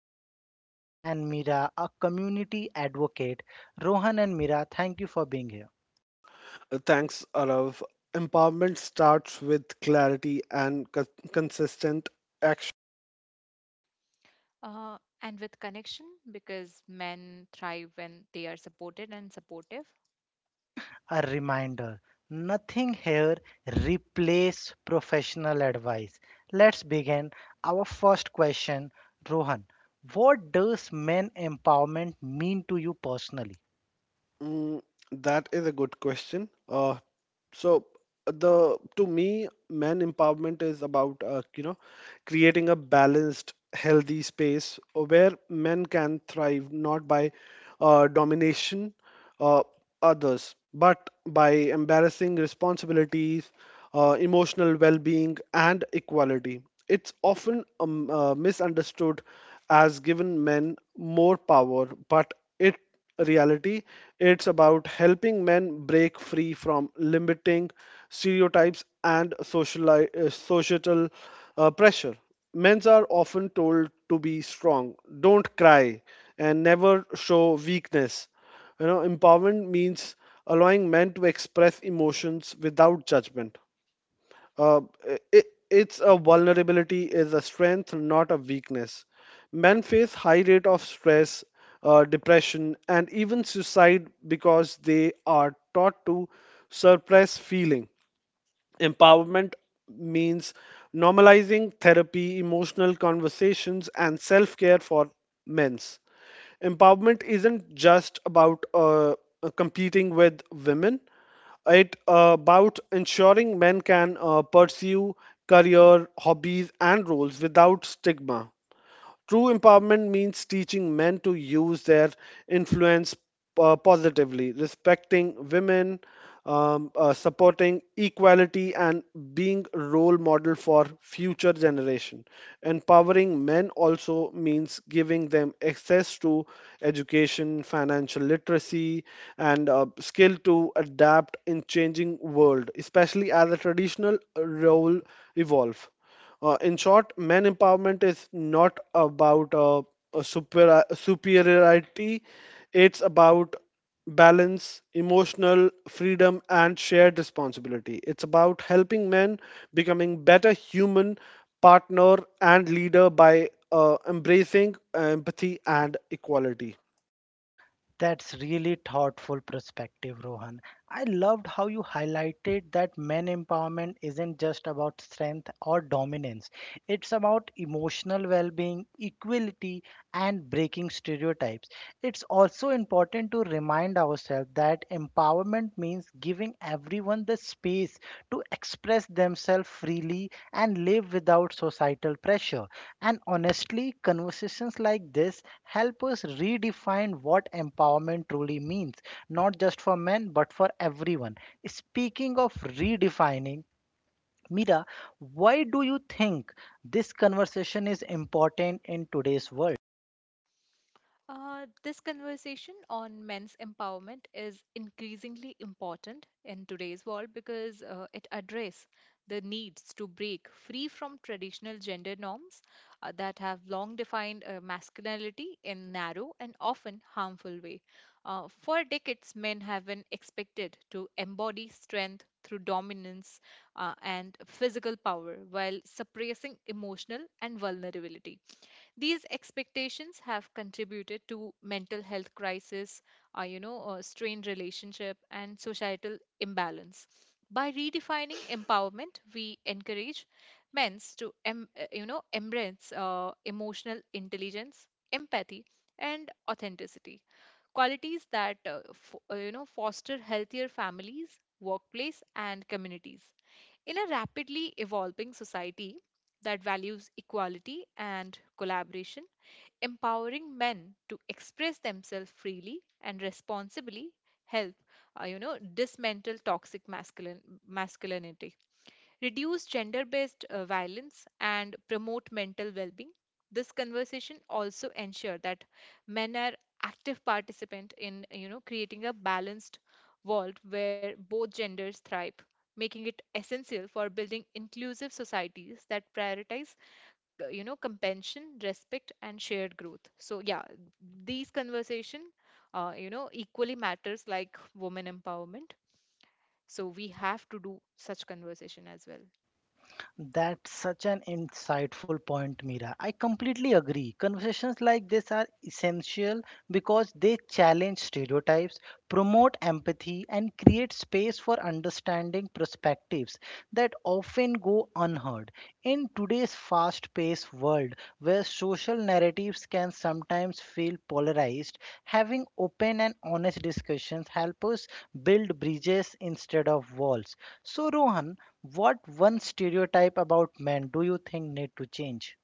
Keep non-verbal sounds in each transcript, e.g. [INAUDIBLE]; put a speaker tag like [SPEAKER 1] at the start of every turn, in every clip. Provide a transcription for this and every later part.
[SPEAKER 1] leadership coach, and Mira, a community advocate. Rohan and Mira, thank you for being here.
[SPEAKER 2] And with connection because men thrive when they are supported and supportive.
[SPEAKER 1] A reminder. Nothing here replaces professional advice. Let's begin our first question, Rohan. What does men empowerment mean to you personally? That's really thoughtful perspective, Rohan. I loved how you highlighted that men empowerment isn't just about strength or dominance. It's about emotional well-being, equality, and breaking stereotypes. It's also important to remind ourselves that empowerment means giving everyone the space to express themselves freely and live without societal pressure. And honestly, conversations like this help us redefine what empowerment truly means, not just for men but for everyone. Speaking of redefining, Mira, why do you think this conversation is important in today's world?
[SPEAKER 2] This conversation on men's empowerment is increasingly important in today's world because it addresses the needs to break free from traditional gender norms that have long defined masculinity in narrow and often harmful way. For decades, men have been expected to embody strength through dominance and physical power while suppressing emotional and vulnerability. These expectations have contributed to mental health crisis, strained relationship, and societal imbalance. By redefining [LAUGHS] empowerment, we encourage men to, embrace emotional intelligence, empathy, and authenticity, qualities that, foster healthier families, workplace, and communities. In a rapidly evolving society that values equality and collaboration, empowering men to express themselves freely and responsibly help dismantle toxic masculine masculinity reduce gender based violence, and promote mental well being. This conversation also ensure that men are active participant in, you know, creating a balanced world where both genders thrive, making it essential for building inclusive societies that prioritize compassion, respect, and shared growth. So yeah, these conversation equally matters like women empowerment, so we have to do such conversation as well.
[SPEAKER 1] That's such an insightful point, Mira. I completely agree. Conversations like this are essential because they challenge stereotypes, promote empathy, and create space for understanding perspectives that often go unheard. In today's fast paced world, where social narratives can sometimes feel polarized, having open and honest discussions help us build bridges instead of walls. So, Rohan, what one stereotype about men do you think need to change?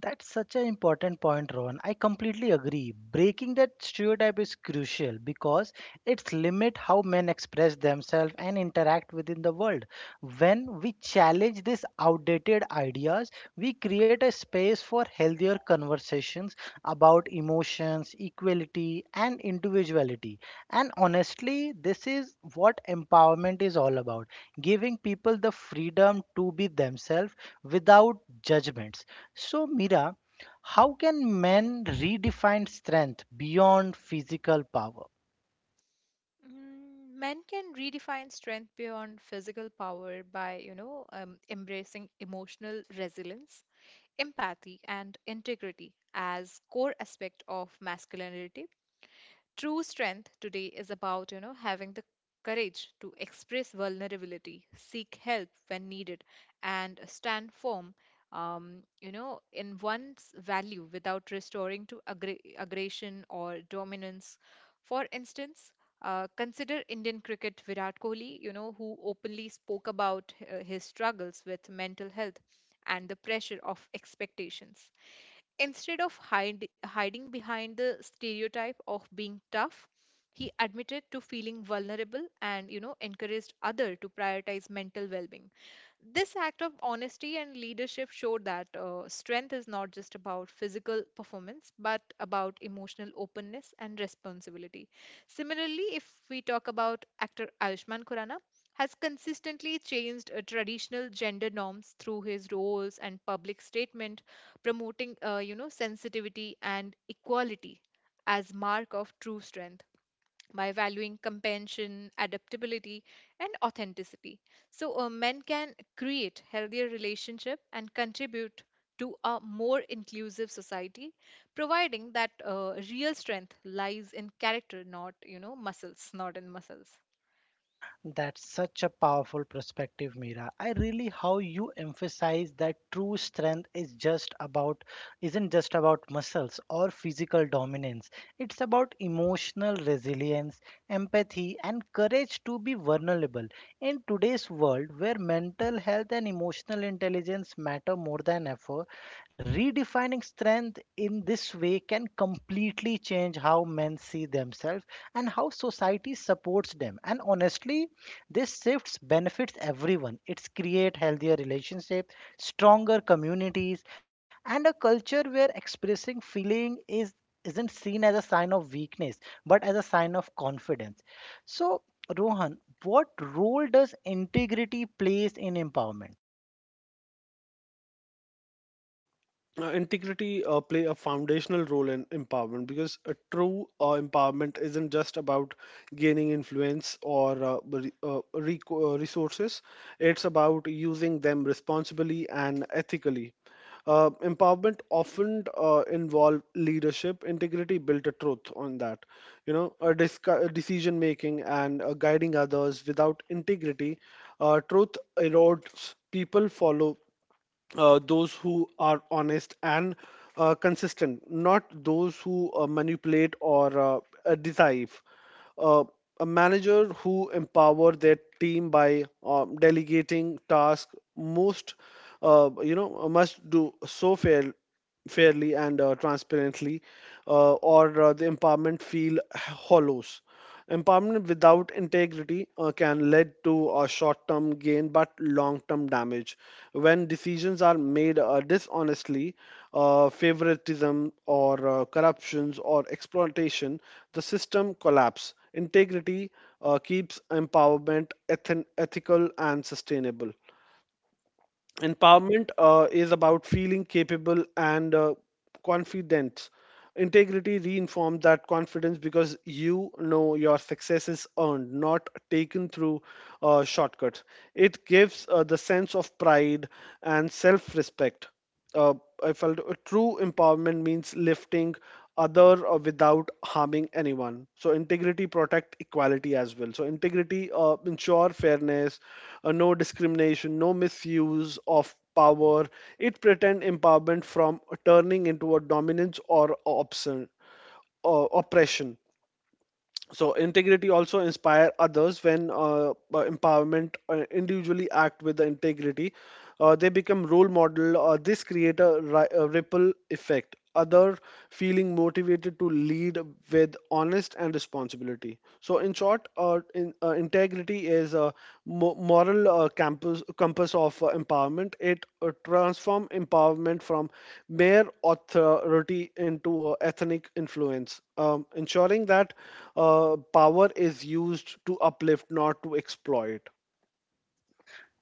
[SPEAKER 1] That's such an important point, Ron. I completely agree. Breaking that stereotype is crucial because it's limit how men express themselves and interact within the world. When we challenge these outdated ideas, we create a space for healthier conversations about emotions, equality, and individuality. And honestly, this is what empowerment is all about giving people the freedom to be themselves without judgments. So, Mira, how can men redefine strength beyond physical power?
[SPEAKER 2] Mm, men can redefine strength beyond physical power by, you know, embracing emotional resilience, empathy, and integrity as core aspect of masculinity. True strength today is about, you know, having the courage to express vulnerability, seek help when needed, and stand firm, you know, in one's value without restoring to aggression or dominance. For instance, consider Indian cricket Virat Kohli, you know, who openly spoke about his struggles with mental health and the pressure of expectations. Instead of hiding behind the stereotype of being tough, he admitted to feeling vulnerable and, you know, encouraged other to prioritize mental well-being. This act of honesty and leadership showed that strength is not just about physical performance, but about emotional openness and responsibility. Similarly, if we talk about actor Ayushmann Khurrana, has consistently changed traditional gender norms through his roles and public statement, promoting you know, sensitivity and equality as mark of true strength by valuing compassion, adaptability, and authenticity. So, men can create healthier relationship and contribute to a more inclusive society, providing that real strength lies in character, not, you know, not in muscles.
[SPEAKER 1] That's such a powerful perspective, Mira. I really how you emphasize that true strength is just about isn't just about muscles or physical dominance. It's about emotional resilience, empathy, and courage to be vulnerable. In today's world where mental health and emotional intelligence matter more than ever, redefining strength in this way can completely change how men see themselves and how society supports them. And honestly, this shifts benefits everyone. It's create healthier relationships, stronger communities, and a culture where expressing feeling is isn't seen as a sign of weakness, but as a sign of confidence. So, Rohan, what role does integrity plays in empowerment?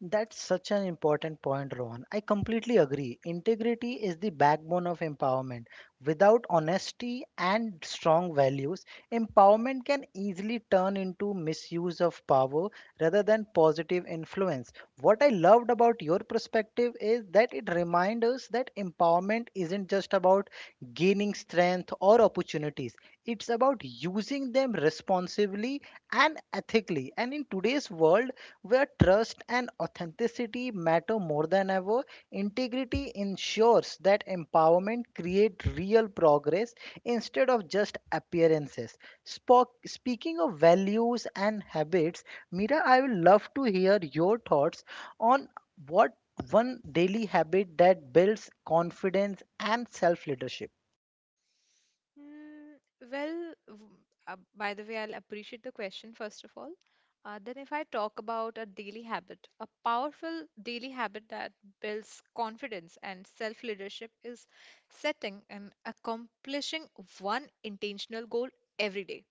[SPEAKER 1] That's such an important point, Rohan. I completely agree. Integrity is the backbone of empowerment. Without honesty and strong values, empowerment can easily turn into misuse of power rather than positive influence. What I loved about your perspective is that it reminds us that empowerment isn't just about gaining strength or opportunities, it's about using them responsibly and ethically. And in today's world, where trust and authenticity matter more than ever. Integrity ensures that empowerment creates real progress instead of just appearances. Spock, speaking of values and habits, Mira, I would love to hear your thoughts on what one daily habit that builds confidence and self leadership.
[SPEAKER 2] Mm, well, w- by the way, I'll appreciate the question first of all. Then, if I talk about a daily habit, a powerful daily habit that builds confidence and self leadership is setting and accomplishing one intentional goal every day,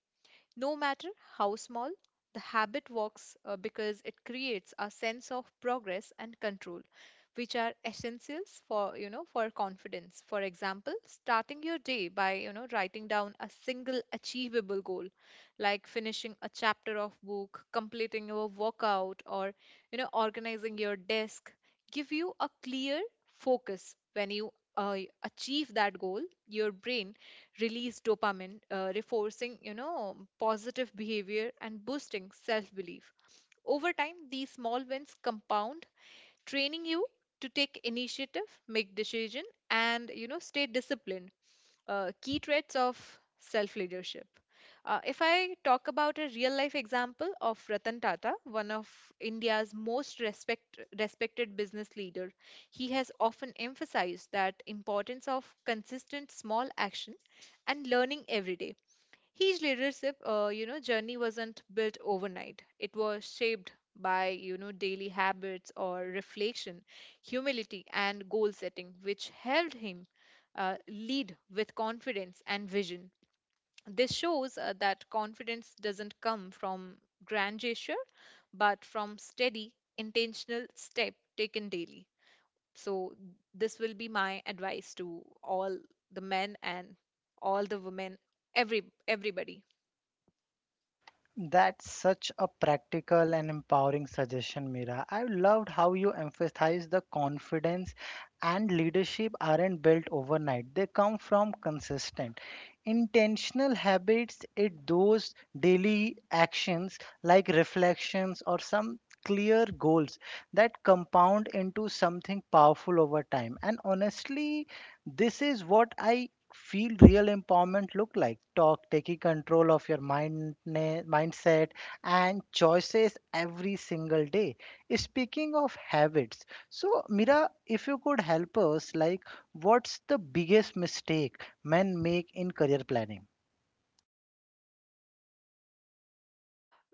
[SPEAKER 2] no matter how small. The habit works because it creates a sense of progress and control, which are essentials for, you know, for confidence. For example, starting your day by, you know, writing down a single achievable goal, like finishing a chapter of book, completing your workout, or, you know, organizing your desk, give you a clear focus. When you uh, achieve that goal, your brain release dopamine, reinforcing, you know, positive behavior and boosting self-belief. Over time, these small wins compound, training you to take initiative, make decision, and, you know, stay disciplined, key traits of self leadership. If I talk about a real life example of Ratan Tata, one of India's respected business leader, he has often emphasized that importance of consistent small action and learning every day. His leadership, you know, journey wasn't built overnight. It was shaped by, you know, daily habits or reflection, humility, and goal setting, which helped him lead with confidence and vision. This shows that confidence doesn't come from grand gesture, but from steady, intentional step taken daily. So this will be my advice to all the men and all the women, every everybody.
[SPEAKER 1] That's such a practical and empowering suggestion, Mira. I loved how you emphasized the confidence and leadership aren't built overnight. They come from consistent, intentional habits. It those daily actions like reflections or some clear goals that compound into something powerful over time. And honestly, this is what I feel real empowerment look like talk taking control of your mindset and choices every single day. Speaking of habits, so Mira, if you could help us like, what's the biggest mistake men make in career planning?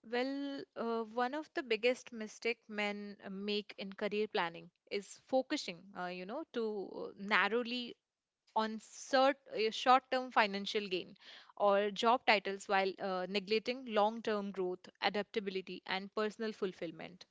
[SPEAKER 2] Well, one of the biggest mistake men make in career planning is focusing, you know, to narrowly on short-term financial gain or job titles while neglecting long-term growth, adaptability, and personal fulfillment.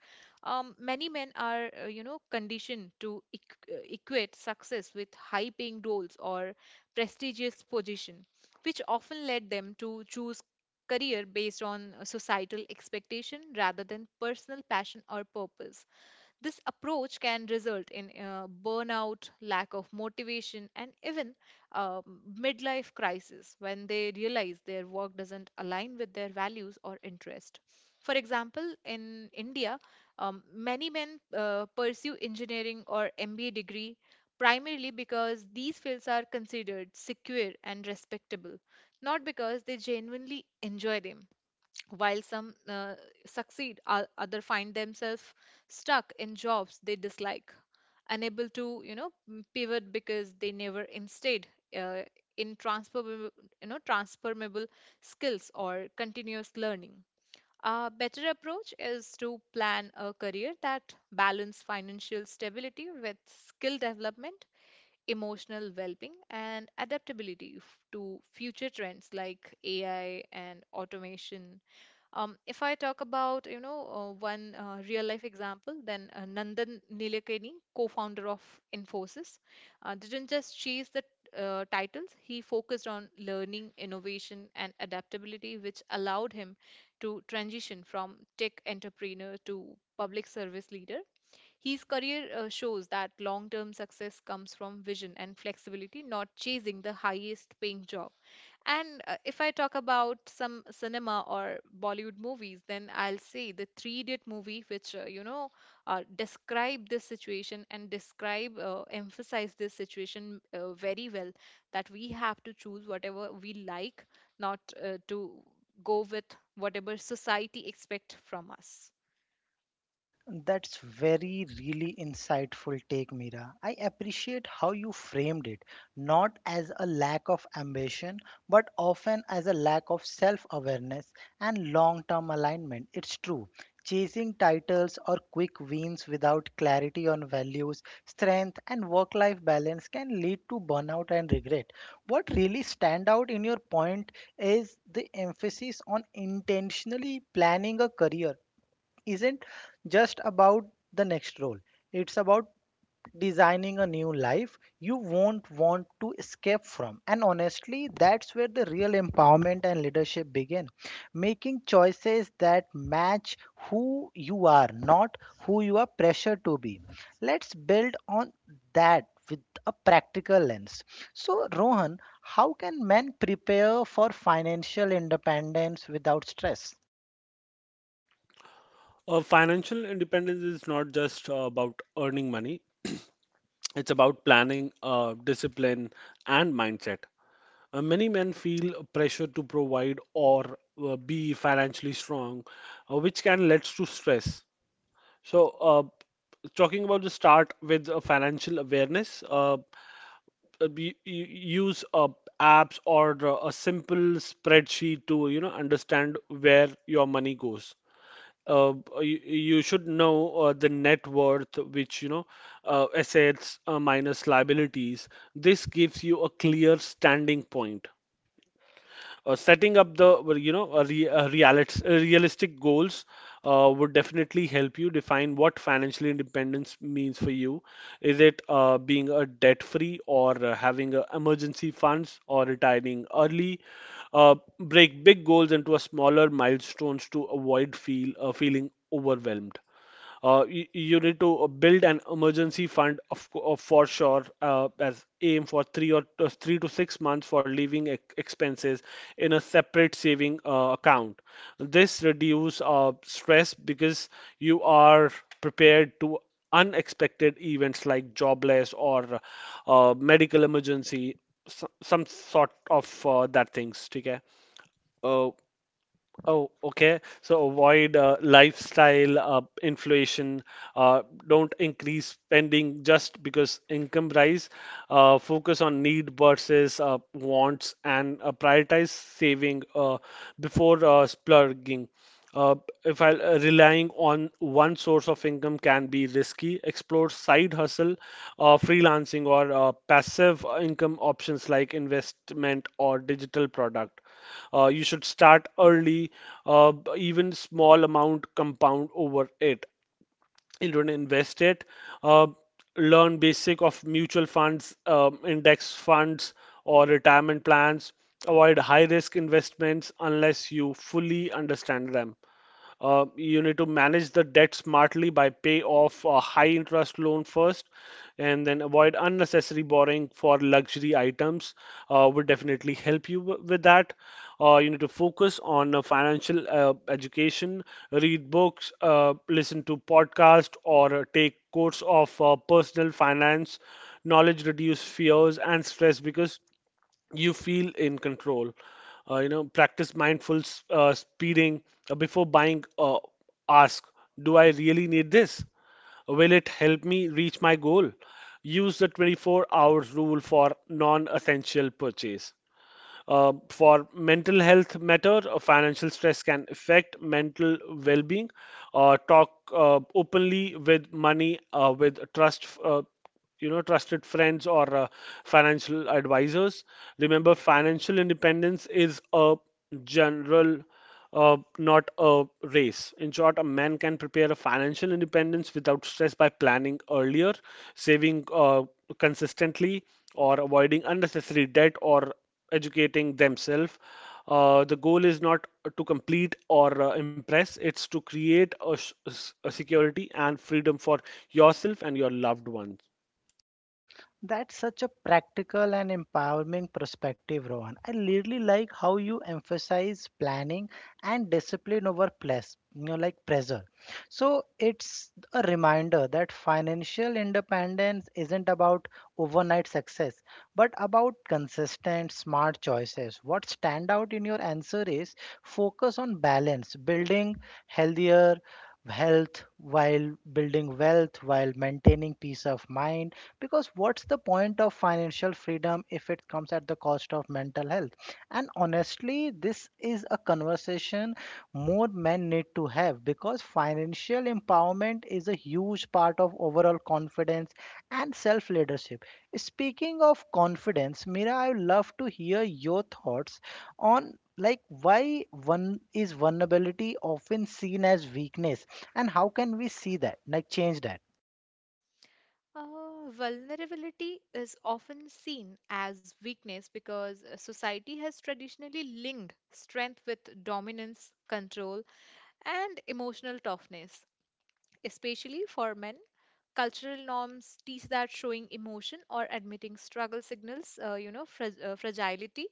[SPEAKER 2] Many men are, conditioned to equate success with high-paying roles or prestigious position, which often led them to choose career based on societal expectation rather than personal passion or purpose. This approach can result in burnout, lack of motivation, and even um, midlife crisis when they realize their work doesn't align with their values or interest. For example, in India, many men pursue engineering or MBA degree primarily because these fields are considered secure and respectable, not because they genuinely enjoy them. While some succeed, other find themselves stuck in jobs they dislike, unable to, you know, pivot because they never instead uh, in transferable, you know, transformable skills or continuous learning. A better approach is to plan a career that balance financial stability with skill development, emotional well-being, and adaptability to future trends like ai and automation. If I talk about, you know, one real life example, then Nandan Nilekani, co-founder of Infosys, didn't just chase the titles. He focused on learning, innovation, and adaptability, which allowed him to transition from tech entrepreneur to public service leader. His career shows that long term success comes from vision and flexibility, not chasing the highest paying job. And if I talk about some cinema or Bollywood movies, then I'll say the Three Idiot movie, which describe this situation and describe emphasize this situation very well. That we have to choose whatever we like, not to go with whatever society expect from us.
[SPEAKER 1] That's very really insightful take, Mira. I appreciate how you framed it, not as a lack of ambition, but often as a lack of self awareness and long term alignment. It's true. Chasing titles or quick wins without clarity on values, strength, and work life balance can lead to burnout and regret. What really stand out in your point is the emphasis on intentionally planning a career isn't just about the next role. It's about designing a new life you won't want to escape from. And honestly, that's where the real empowerment and leadership begin. Making choices that match who you are, not who you are pressured to be. Let's build on that with a practical lens. So, Rohan, how can men prepare for financial independence without stress?
[SPEAKER 3] Financial independence is not just about earning money, it's about planning, discipline, and mindset. Many men feel pressure to provide or be financially strong, which can lead to stress. So, uh, Talking about the start with financial awareness, you use apps or a simple spreadsheet to you know understand where your money goes uh, you should know the net worth, which you know, assets minus liabilities. This gives you a clear standing point setting up the well, you know a realistic goals would definitely help you define what financial independence means for you. Is it being a debt free or having emergency funds or retiring early? Break big goals into a smaller milestones to avoid feeling overwhelmed. You need to build an emergency fund of for sure as aim for 3 to 6 months for living expenses in a separate saving account. This reduce stress because you are prepared to unexpected events like jobless or medical emergency, some sort of that things. ठीक है. Oh, okay. So avoid lifestyle inflation. Uh, don't increase spending just because income rise. Focus on need versus wants and prioritize saving before splurging. Uh, if I Relying on one source of income can be risky. Explore side hustle, freelancing, or passive income options like investment or digital product. You should start early, even small amount compound over it. You don't invest it. Uh, Learn basic of mutual funds, index funds, or retirement plans. Avoid high risk investments unless you fully understand them. You need to manage the debt smartly by pay off a high interest loan first and then avoid unnecessary borrowing for luxury items would definitely help you with that. You need to focus on financial education, read books, listen to podcasts, or take course of personal finance. Knowledge reduce fears and stress because you feel in control. You know, practice mindful speeding before buying. Ask, do I really need this? Will it help me reach my goal? Use the 24 hours rule for non-essential purchase. For mental health matter, financial stress can affect mental well-being. Talk openly with money, with trust, you know, trusted friends or financial advisors. Remember, financial independence is a general, not a race. In short, a man can prepare a financial independence without stress by planning earlier, saving consistently, or avoiding unnecessary debt or educating themselves. The goal is not to complete or impress. It's to create a security and freedom for yourself and your loved ones.
[SPEAKER 1] That's such a practical and empowering perspective, Rohan. I really like how you emphasize planning and discipline over plus, like pressure. So it's a reminder that financial independence isn't about overnight success, but about consistent, smart choices. What stand out in your answer is focus on balance, building healthier health while building wealth while maintaining peace of mind, because what's the point of financial freedom if it comes at the cost of mental health? And honestly, this is a conversation more men need to have, because financial empowerment is a huge part of overall confidence and self leadership. Speaking of confidence, Mira, I would love to hear your thoughts on like, why one is vulnerability often seen as weakness, and how can we see that like change that?
[SPEAKER 2] Vulnerability is often seen as weakness because society has traditionally linked strength with dominance, control, and emotional toughness, especially for men. Cultural norms teach that showing emotion or admitting struggle signals, fragility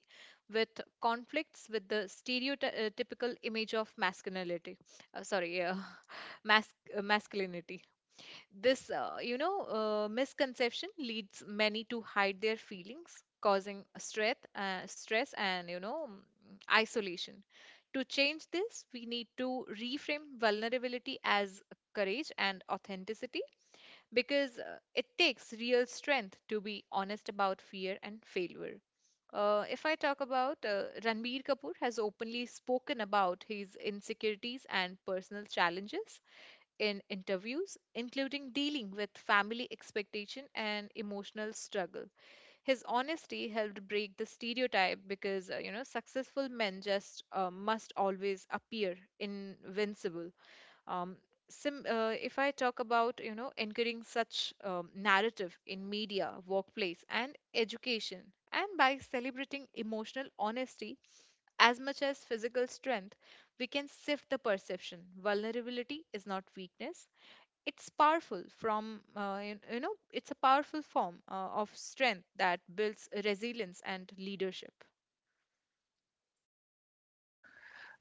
[SPEAKER 2] with conflicts with the stereotypical image of masculinity. Sorry, [LAUGHS] masculinity. This, misconception leads many to hide their feelings, causing stress and, you know, isolation. To change this, we need to reframe vulnerability as courage and authenticity because it takes real strength to be honest about fear and failure. If I talk about Ranbir Kapoor has openly spoken about his insecurities and personal challenges in interviews, including dealing with family expectation and emotional struggle. His honesty helped break the stereotype because you know, successful men just must always appear invincible. Um, if I talk about, you know, encouraging such narrative in media, workplace, and education, and by celebrating emotional honesty as much as physical strength, we can sift the perception. Vulnerability is not weakness; it's powerful from you you know it's a powerful form of strength that builds resilience and leadership.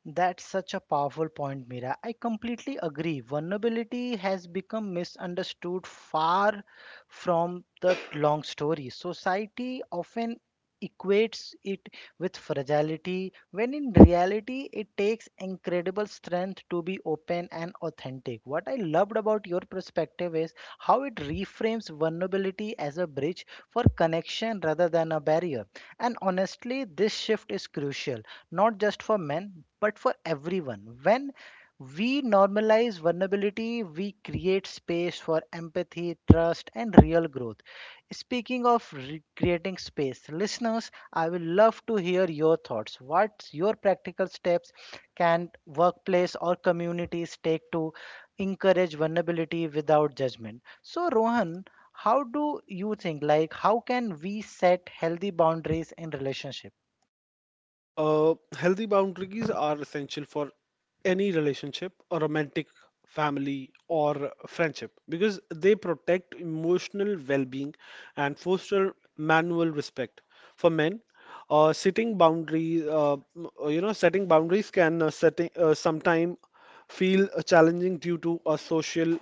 [SPEAKER 1] That's such a powerful point, Mira. I completely agree. Vulnerability has become misunderstood far from the long story. Society often equates it with fragility, when in reality, it takes incredible strength to be open and authentic. What I loved about your perspective is how it reframes vulnerability as a bridge for connection rather than a barrier. And honestly, this shift is crucial not just for men, but for everyone. When we normalize vulnerability, we create space for empathy, trust, and real growth. Speaking of creating space, listeners, I will love to hear your thoughts. What's your practical steps can workplace or communities take to encourage vulnerability without judgment? So, Rohan, how do you think? Like, how can we set healthy boundaries in relationships?
[SPEAKER 3] Healthy boundaries are essential for any relationship, a romantic family or friendship, because they protect emotional well-being and foster manual respect. For men, setting boundaries, you know, setting boundaries can setting sometime feel challenging due to a social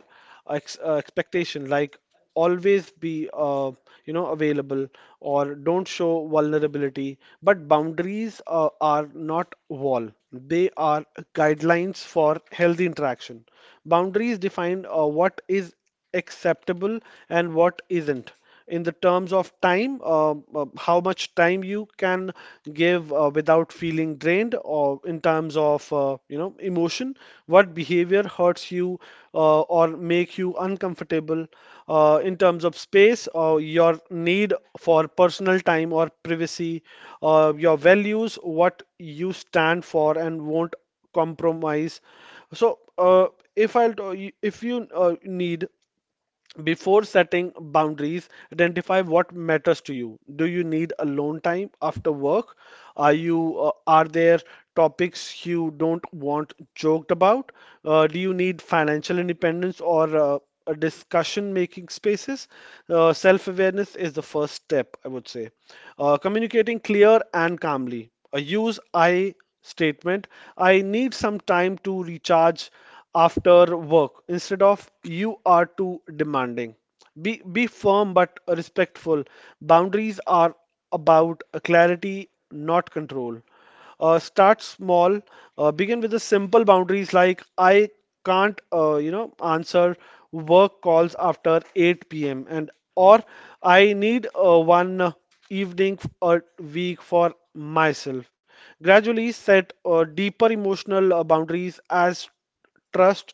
[SPEAKER 3] expectation like always be you know available or don't show vulnerability, but boundaries are not wall, they are guidelines for healthy interaction. Boundaries define what is acceptable and what isn't, in the terms of time. How much time you can give without feeling drained, or in terms of you know emotion, what behavior hurts you or make you uncomfortable, in terms of space, your need for personal time or privacy, your values, what you stand for and won't compromise. So if I'll t- If you need, before setting boundaries, identify what matters to you. Do you need alone time after work? Are there topics you don't want joked about? Do you need financial independence or a discussion making spaces? Self-awareness is the first step, I would say. Communicating clear and calmly. Use I statement. I need some time to recharge after work instead of you are too demanding. Be firm but respectful. Boundaries are about clarity, not control. Start small. Begin with the simple boundaries like I can't, you know, answer work calls after 8 p.m. and or I need one evening a week for myself. Gradually set deeper emotional boundaries as trust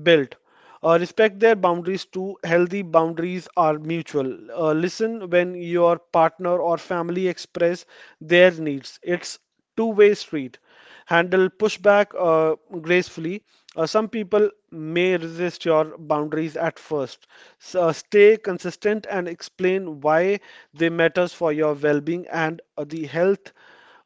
[SPEAKER 3] built. Respect their boundaries too. Healthy boundaries are mutual. Listen when your partner or family express their needs. It's two-way street. Handle pushback gracefully. Some people may resist your boundaries at first. Stay consistent and explain why they matters for your well-being and the health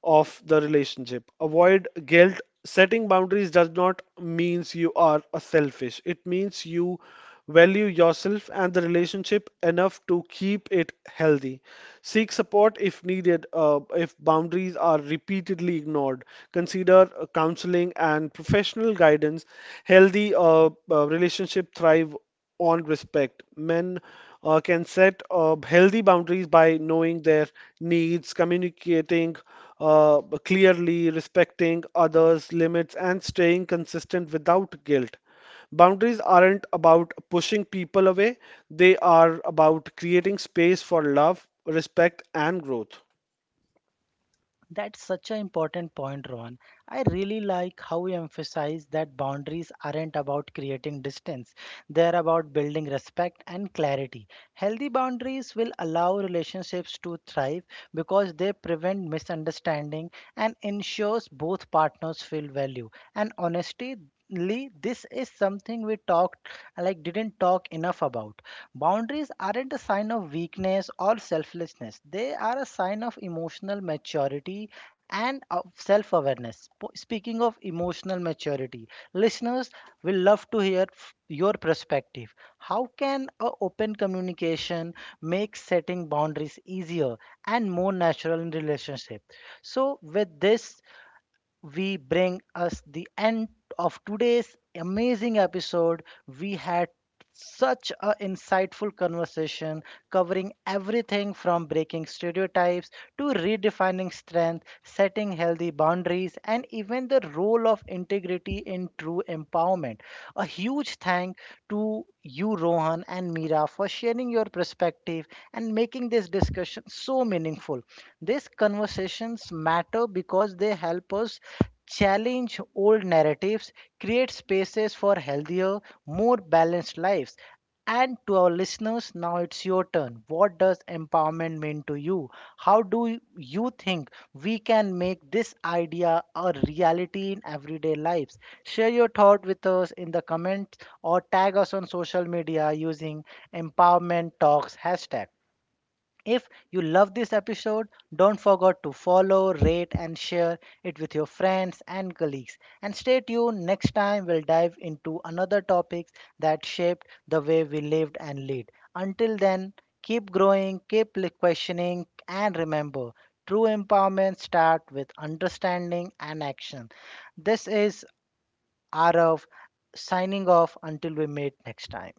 [SPEAKER 3] of the relationship. Avoid guilt. Setting boundaries does not means you are a selfish. It means you value yourself and the relationship enough to keep it healthy. Seek support if needed. If boundaries are repeatedly ignored, consider counseling and professional guidance. Healthy relationship thrive on respect. Men can set healthy boundaries by knowing their needs, communicating clearly, respecting others' limits, and staying consistent without guilt. Boundaries aren't about pushing people away, they are about creating space for love, respect, and growth.
[SPEAKER 1] That's such an important point, Rohan. I really like how you emphasize that boundaries aren't about creating distance, they're about building respect and clarity. Healthy boundaries will allow relationships to thrive because they prevent misunderstanding and ensures both partners feel value. And honestly, this is something we talked like didn't talk enough about. Boundaries aren't a sign of weakness or selflessness, they are a sign of emotional maturity and of self awareness. Speaking of emotional maturity, listeners will love to hear your perspective. How can a open communication make setting boundaries easier and more natural in relationship? So, with this, we bring us the end of today's amazing episode. We had such a insightful conversation covering everything from breaking stereotypes to redefining strength, setting healthy boundaries, and even the role of integrity in true empowerment. A huge thank to you, Rohan and Mira, for sharing your perspective and making this discussion so meaningful. These conversations matter because they help us challenge old narratives, create spaces for healthier, more balanced lives. And to our listeners, now it's your turn. What does empowerment mean to you? How do you think we can make this idea a reality in everyday lives? Share your thought with us in the comments or tag us on social media using empowerment talks hashtag. If you love this episode, don't forget to follow, rate, and share it with your friends and colleagues. And stay tuned, next time we'll dive into another topic that shaped the way we lived and lead. Until then, keep growing, keep questioning, and remember true empowerment starts with understanding and action. This is Arav signing off until we meet next time.